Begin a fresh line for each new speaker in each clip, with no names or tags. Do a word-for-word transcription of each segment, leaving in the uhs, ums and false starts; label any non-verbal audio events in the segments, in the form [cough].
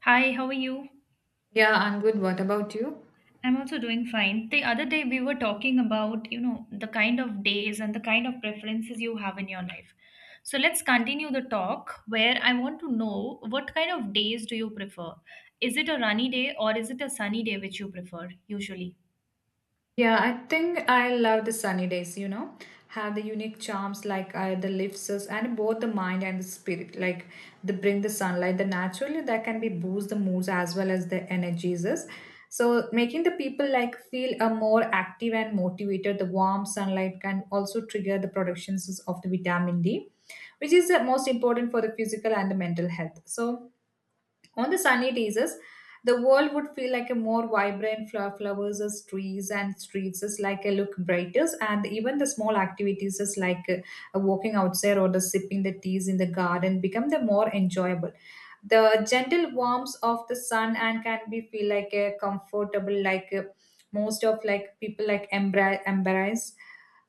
Hi, how are you?
Yeah, I'm good. What about you?
I'm also doing fine. The other day we were talking about, you know, the kind of days and the kind of preferences you have in your life. So let's continue the talk where I want to know what kind of days do you prefer? Is it a rainy day or is it a sunny day which you prefer usually?
Yeah, I think I love the sunny days, you know, have the unique charms like uh, the lifts us and both the mind and the spirit, like they bring the sunlight, the naturally that can be boost the moods as well as the energies. Is. So making the people like feel a more active and motivated, the warm sunlight can also trigger the productions of the vitamin D, which is the most important for the physical and the mental health. So on the sunny days, is, the world would feel like a more vibrant fl- flowers as trees and streets is like a look brighter, and even the small activities is like uh, walking outside or the sipping the teas in the garden become the more enjoyable. The gentle warmth of the sun and can be feel like a comfortable like uh, most of like people like embra embrace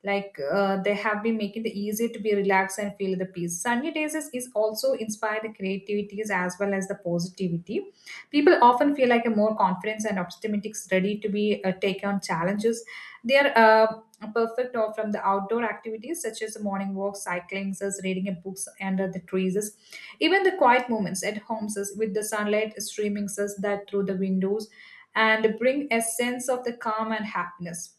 like uh, they have been making the easy to be relaxed and feel the peace sunny days is, is also inspire the creativities as well as the positivity. People often feel like a more confidence and optimistic ready to be uh, take on challenges. They are uh, perfect or from the outdoor activities such as the morning walk cycling says reading a books under the trees says, even the quiet moments at homes says, with the sunlight streaming says that through the windows, and bring a sense of the calm and happiness,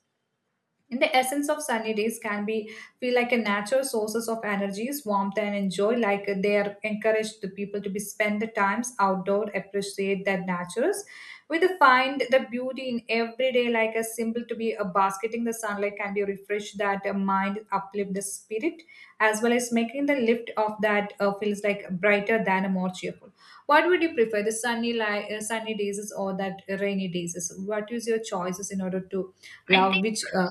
and the essence of sunny days can be feel like a natural sources of energies, warmth, and enjoy. Like they are encouraged the people to be spend the times outdoor, appreciate their natures. We do find the beauty in every day, like a simple to be a basketing the sunlight can be refresh that uh, mind, uplift the spirit, as well as making the lift of that uh, feels like brighter than a more cheerful. What would you prefer, the sunny li- uh, sunny days or that rainy days? What is your choices in order to
I
love
think,
which? Uh,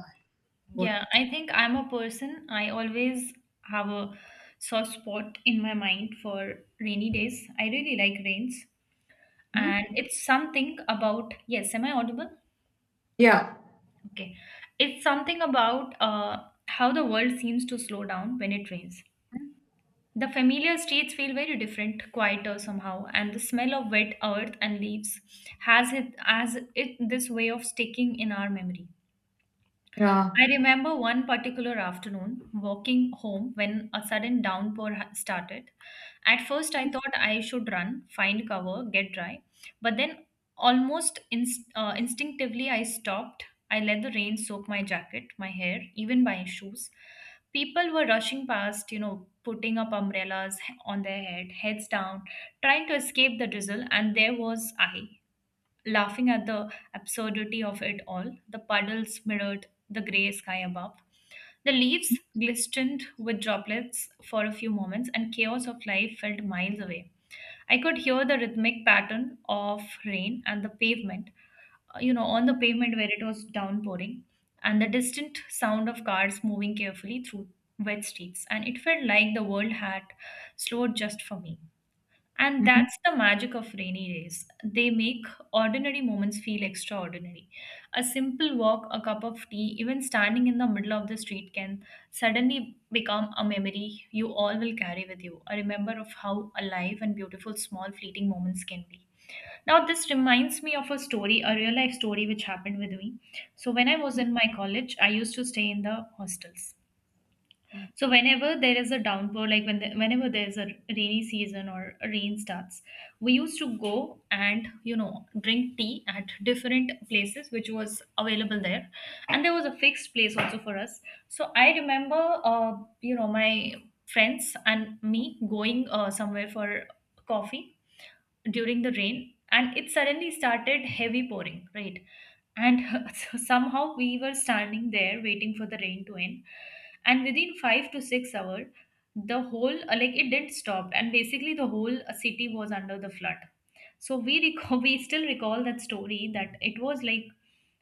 What?
yeah, I think I'm a person, I always have a soft spot in my mind for rainy days. I really like rains.
Mhm.
And it's something about, yes, am I audible?
Yeah.
Okay. It's something about uh, how the world seems to slow down when it rains.
Mhm.
The familiar streets feel very different, quieter somehow, and the smell of wet earth and leaves has it as it this way of sticking in our memory.
Yeah.
I remember one particular afternoon walking home when a sudden downpour ha- started. At first, I thought I should run, find cover, get dry, but then almost inst- uh, instinctively, I stopped. I let the rain soak my jacket, my hair, even my shoes. People were rushing past, you know, putting up umbrellas he- on their head, heads down, trying to escape the drizzle, and there was I. Laughing at the absurdity of it all, the puddles mirrored the grey sky above. The leaves glistened with droplets for a few moments, and chaos of life felt miles away. I could hear the rhythmic pattern of rain and the pavement, uh, you know, on the pavement where it was downpouring, and the distant sound of cars moving carefully through wet streets. And it felt like the world had slowed just for me. And
Mhm.
that's the magic of rainy days. They make ordinary moments feel extraordinary. A simple walk, a cup of tea, even standing in the middle of the street can suddenly become a memory you all will carry with you, a remember of how alive and beautiful small fleeting moments can be. Now, this reminds me of a story, a real life story which happened with me. So, when I was in my college, I used to stay in the hostels.
Mhm.
So whenever there is a downpour, like when the, whenever there's a rainy season or a rain starts, we used to go and you know drink tea at different places which was available there, and there was a fixed place also for us. So I remember, uh, you know, my friends and me going uh, somewhere for coffee during the rain, and it suddenly started heavy pouring, right? And [laughs] so somehow we were standing there waiting for the rain to end, and within five to six hours the whole, uh, like, it didn't stop, and basically the whole uh, city was under the flood. So we recall, [laughs] we still recall that story, that it was like,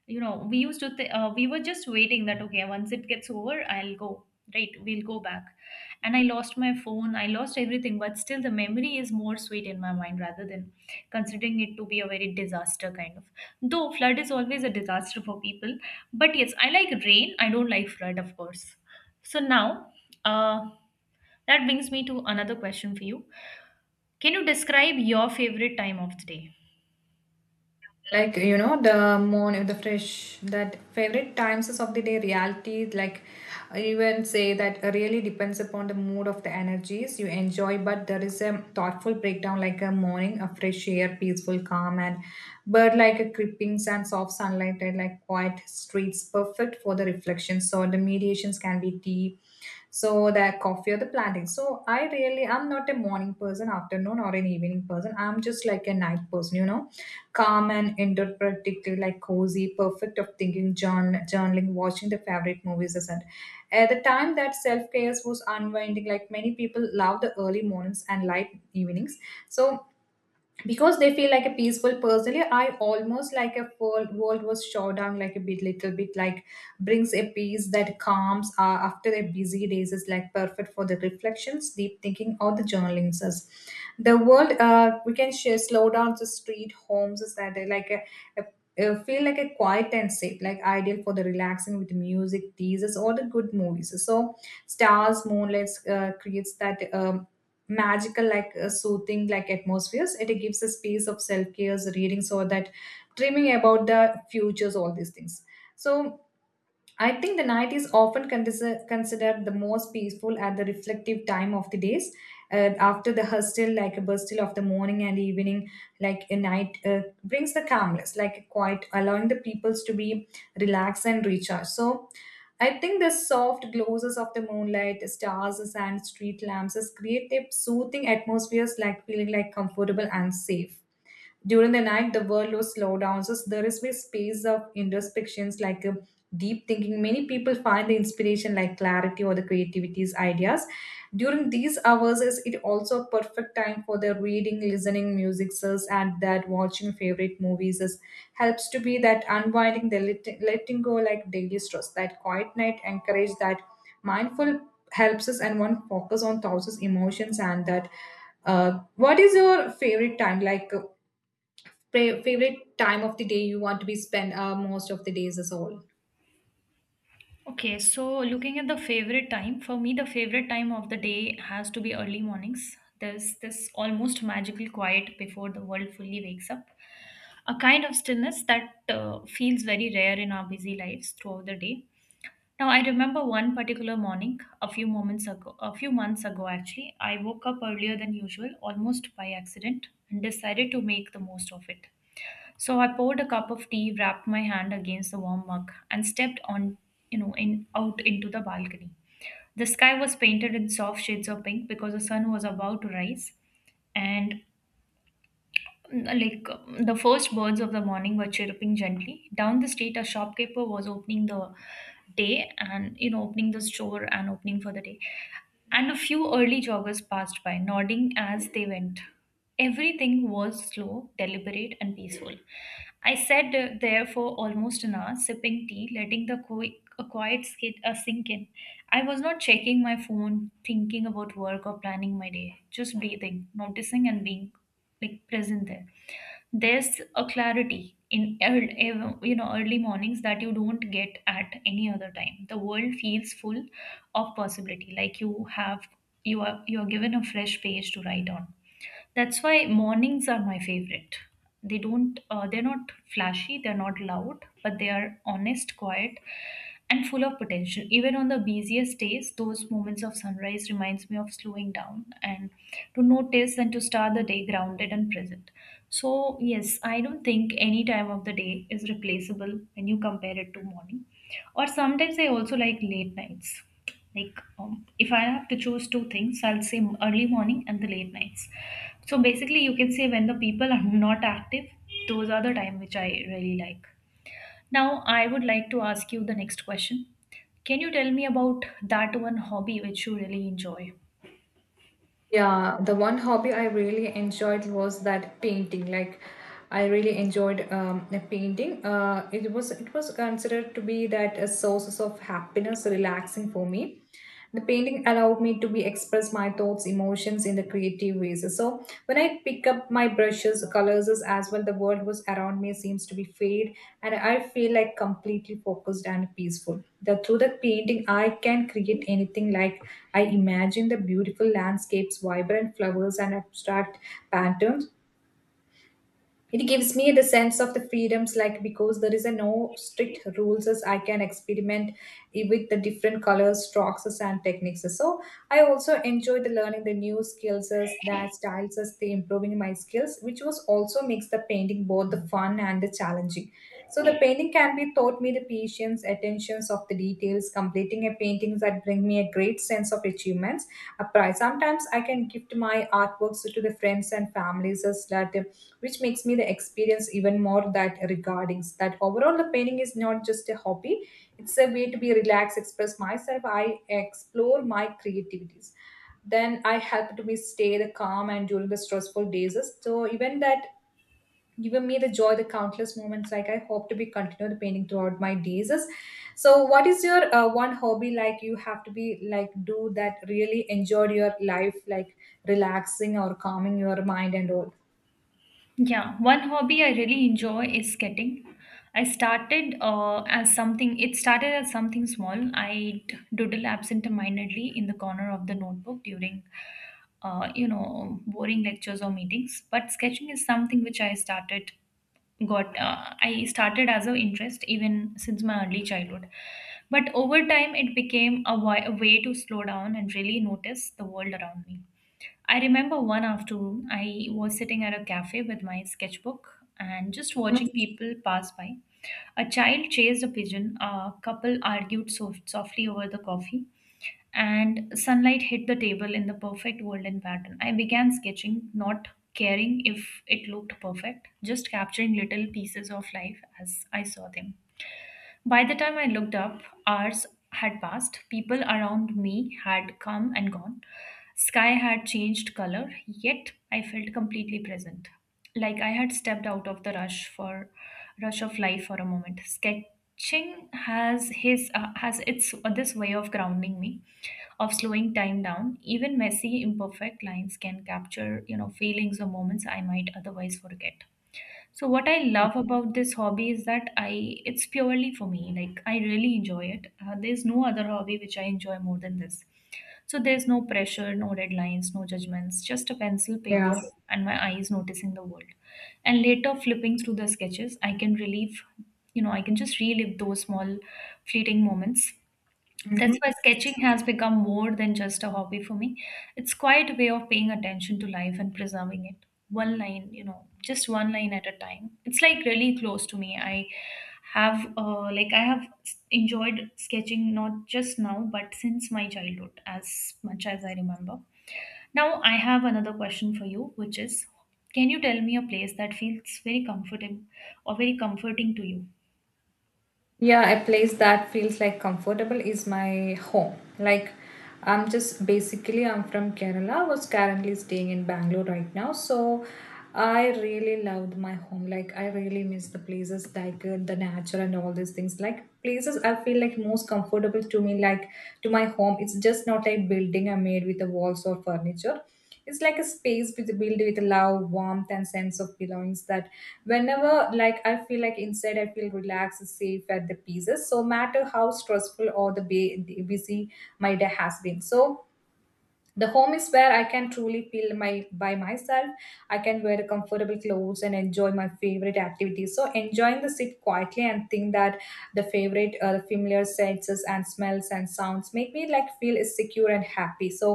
you know we used to th- uh, we were just waiting that, okay, once it gets over I'll go, right, we'll go back. And I lost my phone, I lost everything, but still the memory is more sweet in my mind rather than considering it to be a very disaster kind of, though flood is always a disaster for people. But yes, I like rain, I don't like flood, of course. So now, uh, that brings me to another question for you. Can you describe your favorite time of the day?
Like you know the morning the fresh that favorite times of the day reality like I even say that uh, really depends upon the mood of the energies you enjoy, but there is a thoughtful breakdown like a morning a fresh air peaceful calm and bird like a creepings and soft sunlight and like quiet streets perfect for the reflection so the mediations can be tea, so the coffee or the planting. So I really I'm not a morning person afternoon or an evening person, I'm just like a night person you know calm and interpretative, like cozy, perfect of thinking, journ- journaling, watching the favorite movies, and at the time that self care was unwinding, like many people love the early mornings and light evenings. So because they feel like a peaceful personally I almost like a world, world was shut down like a bit little bit like brings a peace that calms uh, after a busy days is like perfect for the reflections deep thinking or the journaling says the world uh, we can share slow down the street homes is that they like a, a a- feel like a quiet and safe like ideal for the relaxing with music teasers or the good movies. So stars moonlights uh, creates that um, magical like uh, soothing like atmospheres it gives a space of self care reading so that dreaming about the futures all these things. So I think the night is often consider- considered the most peaceful at the reflective time of the days. Uh, after the hustle, like a bustle of the morning and evening, like a night uh, brings the calmness, like quiet, allowing the peoples to be relaxed and recharged. So, I think the soft glosses of the moonlight, stars, and street lamps create a soothing atmospheres, like feeling like comfortable and safe. During the night, the workload slow down, so there is a space of introspections like um, deep thinking. Many people find the inspiration like clarity or the creativity's ideas. During these hours, is it also a perfect time for the reading, listening, music, and that watching favorite movies is helps to be that unwinding, the let- letting go like daily stress. That quiet night encourage that mindful helps us and one focus on thousands emotions and that uh, what is your favorite time like uh, Fa- favorite time of the day you want to be spent uh, most of the days is all?
Okay, so looking at the favorite time, for me, the favorite time of the day has to be early mornings. There's this almost magical quiet before the world fully wakes up, a kind of stillness that uh, feels very rare in our busy lives throughout the day. Now, I remember one particular morning, a few moments ago, a few months ago actually, I woke up earlier than usual, almost by accident, and decided to make the most of it. So I poured a cup of tea, wrapped my hand against the warm mug, and stepped on, you know, in out into the balcony. The sky was painted in soft shades of pink because the sun was about to rise, and like the first birds of the morning were chirping gently. Down the street, a shopkeeper was opening the day and, you know, opening the store and opening for the day. And a few early joggers passed by, nodding as they went. Everything was slow, deliberate, and peaceful. I sat uh, there for almost an hour, sipping tea, letting the qui- a quiet skit uh, sink in. I was not checking my phone, thinking about work or planning my day, just breathing, noticing, and being like present there. There's a clarity in earl- ev- you know early mornings that you don't get at any other time. The world feels full of possibility, like you have you are you are given a fresh page to write on. That's why mornings are my favorite. They don't, uh, they're not flashy, they're not loud, but they are honest, quiet, and full of potential. Even on the busiest days, those moments of sunrise reminds me of slowing down and to notice and to start the day grounded and present. So yes, I don't think any time of the day is replaceable when you compare it to morning. Or sometimes I also like late nights, like um, if I have to choose two things I'll say early morning and the late nights. So basically you can say when the people are not active, those are the time which I really like. Now I would like to ask you the next question. Can you tell me about that one hobby which you really enjoy?
Yeah, the one hobby I really enjoyed was that painting. Like, I really enjoyed um, the painting. Uh, it was it was considered to be that a sources of happiness, relaxing for me. The painting allowed me to be express my thoughts emotions in the creative ways. So when I pick up my brushes colors as well the world was around me seems to be fade, and I feel like completely focused and peaceful the, through the painting I can create anything like I imagine the beautiful landscapes vibrant flowers and abstract patterns. It gives me the sense of the freedoms like because there is a no strict rules as I can experiment with the different colors strokes and techniques. So I also enjoyed the learning the new skills as that styles as the improving my skills, which was also makes the painting both the fun and the challenging. So the painting can be taught me the patience attentions of the details completing a painting that bring me a great sense of achievements, a prize sometimes I can gift my artworks to the friends and families as that which makes me the experience even more that regarding that overall the painting is not just a hobby, it's a way to be relaxed express myself. I explore my creativities then I help to me stay the calm and during the stressful days, so even that given me the joy the countless moments like I hope to be continue the painting throughout my days. So what is your uh, one hobby like you have to be like do that really enjoyed your life like relaxing or calming your mind and all?
Yeah, one hobby I really enjoy is skating. I started uh, as something, it started as something small. I d- doodle absentmindedly in the corner of the notebook during, uh, you know, boring lectures or meetings. But sketching is something which I started got uh, I started as a interest even since my early childhood, but over time it became a, wi- a way to slow down and really notice the world around me. I remember one afternoon I was sitting at a cafe with my sketchbook and just
Mm,
watching people pass by. A child chased a pigeon, a couple argued soft- softly over the coffee, and sunlight hit the table in the perfect golden pattern. I began sketching, not caring if it looked perfect, just capturing little pieces of life as I saw them. By the time I looked up, hours had passed. People around me had come and gone. Sky had changed color, yet I felt completely present. Like I had stepped out of the rush for rush of life for a moment. Sketching has his uh, has its uh, this way of grounding me, of slowing time down. Even messy, imperfect lines can capture, you know, feelings or moments I might otherwise forget. So what I love about this hobby is that I it's purely for me. Like I really enjoy it. Uh, there's no other hobby which I enjoy more than this. So there's no pressure, no deadlines, no judgments, just a pencil,
yeah.
paper, and my eyes noticing the world. And later flipping through the sketches, I can relieve, you know, I can just relive those small fleeting moments. That's why sketching has become more than just a hobby for me. It's quite a way of paying attention to life and preserving it. One line, you know, just one line at a time. It's like really close to me. I have, uh, like, I have s- enjoyed sketching not just now, but since my childhood, as much as I remember. Now, I have another question for you, which is, can you tell me a place that feels very comfortable or very comforting to you?
Yeah, a place that feels like comfortable is my home. Like I'm just basically I'm from Kerala, was currently staying in Bangalore right now. So I really loved my home. Like I really miss the places like uh, the nature and all these things. Like places I feel like most comfortable to me, like to my home. It's just not a building I made with the walls or furniture, it's like a space with built with love warmth and sense of belongings that whenever like I feel like inside I feel relaxed safe at the pieces. So no matter how stressful or the ba- busy my day has been so the home is where I can truly feel my by myself. I can wear comfortable clothes and enjoy my favorite activities so enjoying the sit quietly and think that the favorite uh, the familiar senses and smells and sounds make me like feel secure and happy. So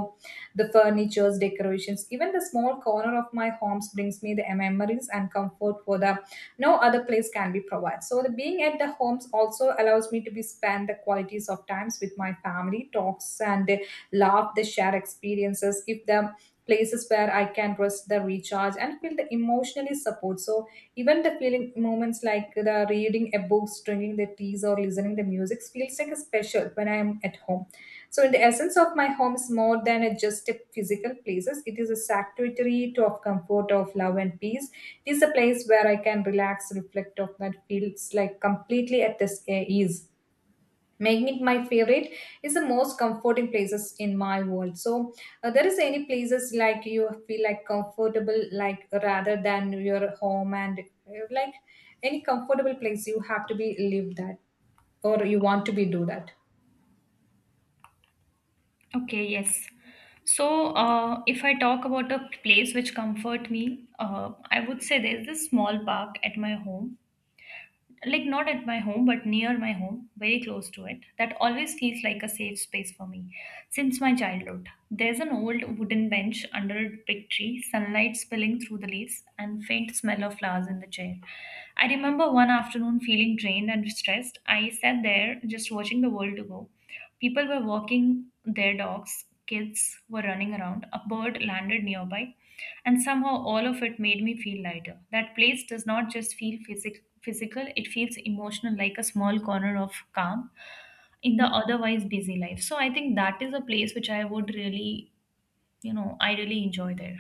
the furnitures decorations even the small corner of my homes brings me the memories and comfort for the no other place can be provided. So the being at the homes also allows me to be spend the qualities of times with my family talks and laugh, they share experiences, give them places where I can rest, the recharge, and feel the emotionally support. So even the feeling moments like the reading a book, drinking the teas, or listening the music feels like a special when I am at home. So in the essence of my home is more than a just a physical places. It is a sanctuary to of comfort, of love and peace. It is a place where I can relax, reflect of that feels like completely at this uh, ease, making it my favorite is the most comforting places in my world. So uh, there is any places like you feel like comfortable like rather than your home and uh, like any comfortable place you have to be live that or you want to be do that?
Okay, yes. So, uh, if I talk about a place which comfort me, uh, I would say there's this small park at my home, like not at my home, but near my home, very close to it, that always feels like a safe space for me since my childhood. There's an old wooden bench under a big tree, sunlight spilling through the leaves, and faint smell of flowers in the chair. I remember one afternoon feeling drained and stressed. I sat there just watching the world to go. People were walking their dogs, kids were running around, a bird landed nearby, and somehow all of it made me feel lighter. That place does not just feel physic- physical, it feels emotional, like a small corner of calm in the otherwise busy life. So I think that is a place which I would really, you know, I really enjoy there.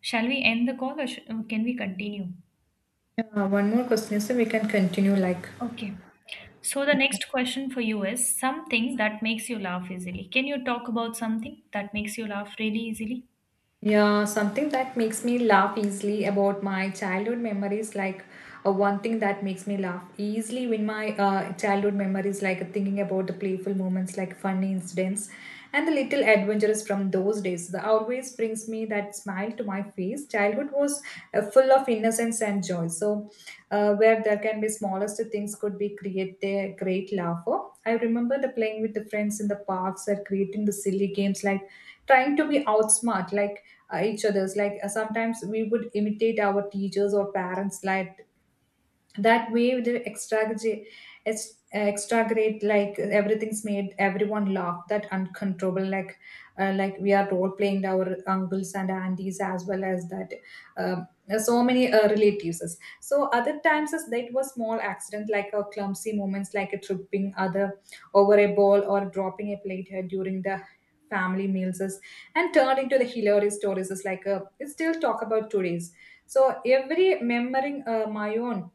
Shall we end the call or sh- can we continue?
Yeah, one more question so we can continue like.
Okay. So the
Okay.
next question for you is something that makes you laugh easily. Can you talk about something that makes you laugh really easily?
Yeah, something that makes me laugh easily about my childhood memories, like uh, one thing that makes me laugh easily when my uh, childhood memories, like uh, thinking about the playful moments, like funny incidents, and the little adventures from those days, that always brings me that smile to my face. Childhood was uh, full of innocence and joy. So, uh, where there can be smallest things could be create a great laughter. I remember the playing with the friends in the parks or creating the silly games, like trying to be outsmart, like uh, each other's like uh, sometimes we would imitate our teachers or parents like that way they extragorate ex- extragorate like everything's made everyone laugh that uncontrollable like uh, like we are role playing our uncles and aunties as well as that um, so many uh, relatives so other times is that was small accident like a clumsy moments like a tripping other over a ball or dropping a plate uh, during the family meals is- and turned into the hilarious stories is like a, it still talk about today's. So every remembering uh, my own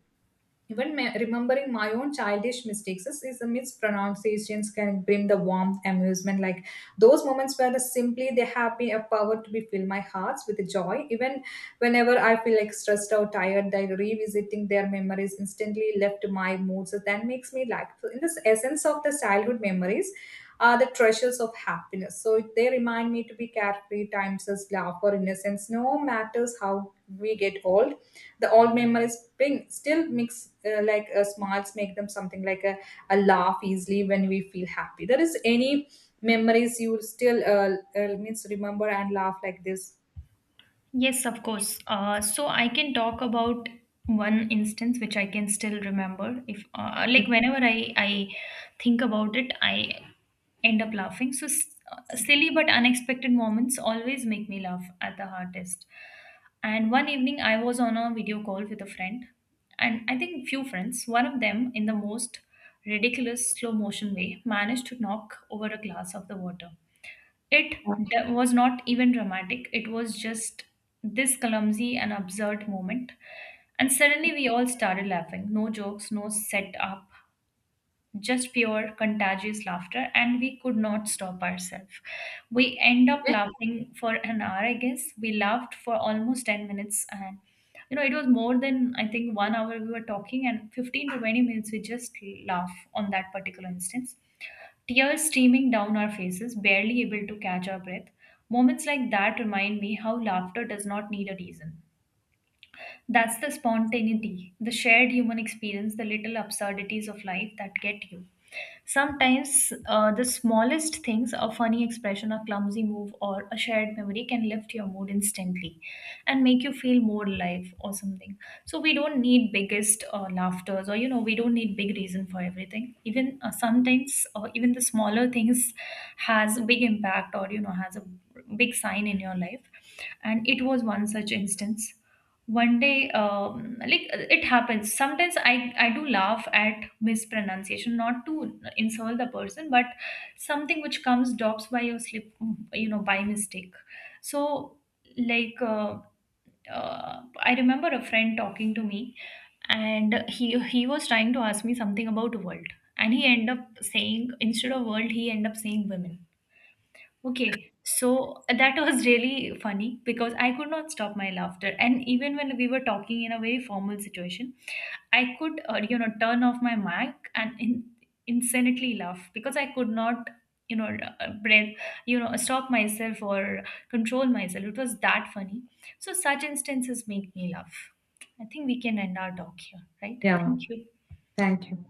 even me- remembering my own childish mistakes is, is a mispronunciations can bring the warmth, amusement. Like those moments where the simply they have been a power to be fill my hearts with joy. Even whenever I feel like stressed or tired, that revisiting their memories instantly left my mood. So that makes me like so in this essence of the childhood memories are the treasures of happiness. So they remind me to be carefree, times as laugh or innocence, no matters how we get old the old memories bring still mix uh, like uh, smiles make them something like a, a laugh easily when we feel happy there is any memories you still uh, uh, means remember and laugh like this?
Yes, of course. Uh, so I can talk about one instance which I can still remember. If uh, like
Mhm.
whenever I I think about it, I end up laughing. So s- uh, silly but unexpected moments always make me laugh at the hardest. And one evening I was on a video call with a friend, and I think few friends. One of them, in the most ridiculous slow motion way, managed to knock over a glass of the water. It d- was not even dramatic, it was just this clumsy and absurd moment. And suddenly we all started laughing. No jokes, no set up, just pure contagious laughter, and we could not stop ourselves. We end up laughing for an hour, I guess. We laughed for almost ten minutes, and you know, it was more than I think one hour we were talking, and fifteen to twenty minutes we just laugh on that particular instance, tears streaming down our faces, barely able to catch our breath. Moments like that remind me how laughter does not need a reason. That's the spontaneity, the shared human experience, the little absurdities of life that get you. Sometimes uh, the smallest things, a funny expression, a clumsy move, or a shared memory can lift your mood instantly and make you feel more alive or something. So we don't need biggest uh, laughters, or, you know, we don't need big reason for everything. Even uh, sometimes, uh, even the smaller things has a big impact, or, you know, has a big sign in your life. And it was one such instance one day, um, like uh, it happens sometimes, i i do laugh at mispronunciation, not to insult the person, but something which comes drops by your slip, you know by mistake. So, like, uh, uh, I remember a friend talking to me, and he he was trying to ask me something about world, and he ended up saying, instead of world, he ended up saying women. Okay, so uh, that was [laughs] really funny because I could not stop my laughter. And even when we were talking in a very formal situation, I could, uh, you know, turn off my mic and in, insanely laugh because I could not, you know, uh, uh, breath, you know, stop myself or control myself. It was that funny. So such instances make me laugh. I think we can end our talk here, right?
Yeah.
Thank you.
Thank you.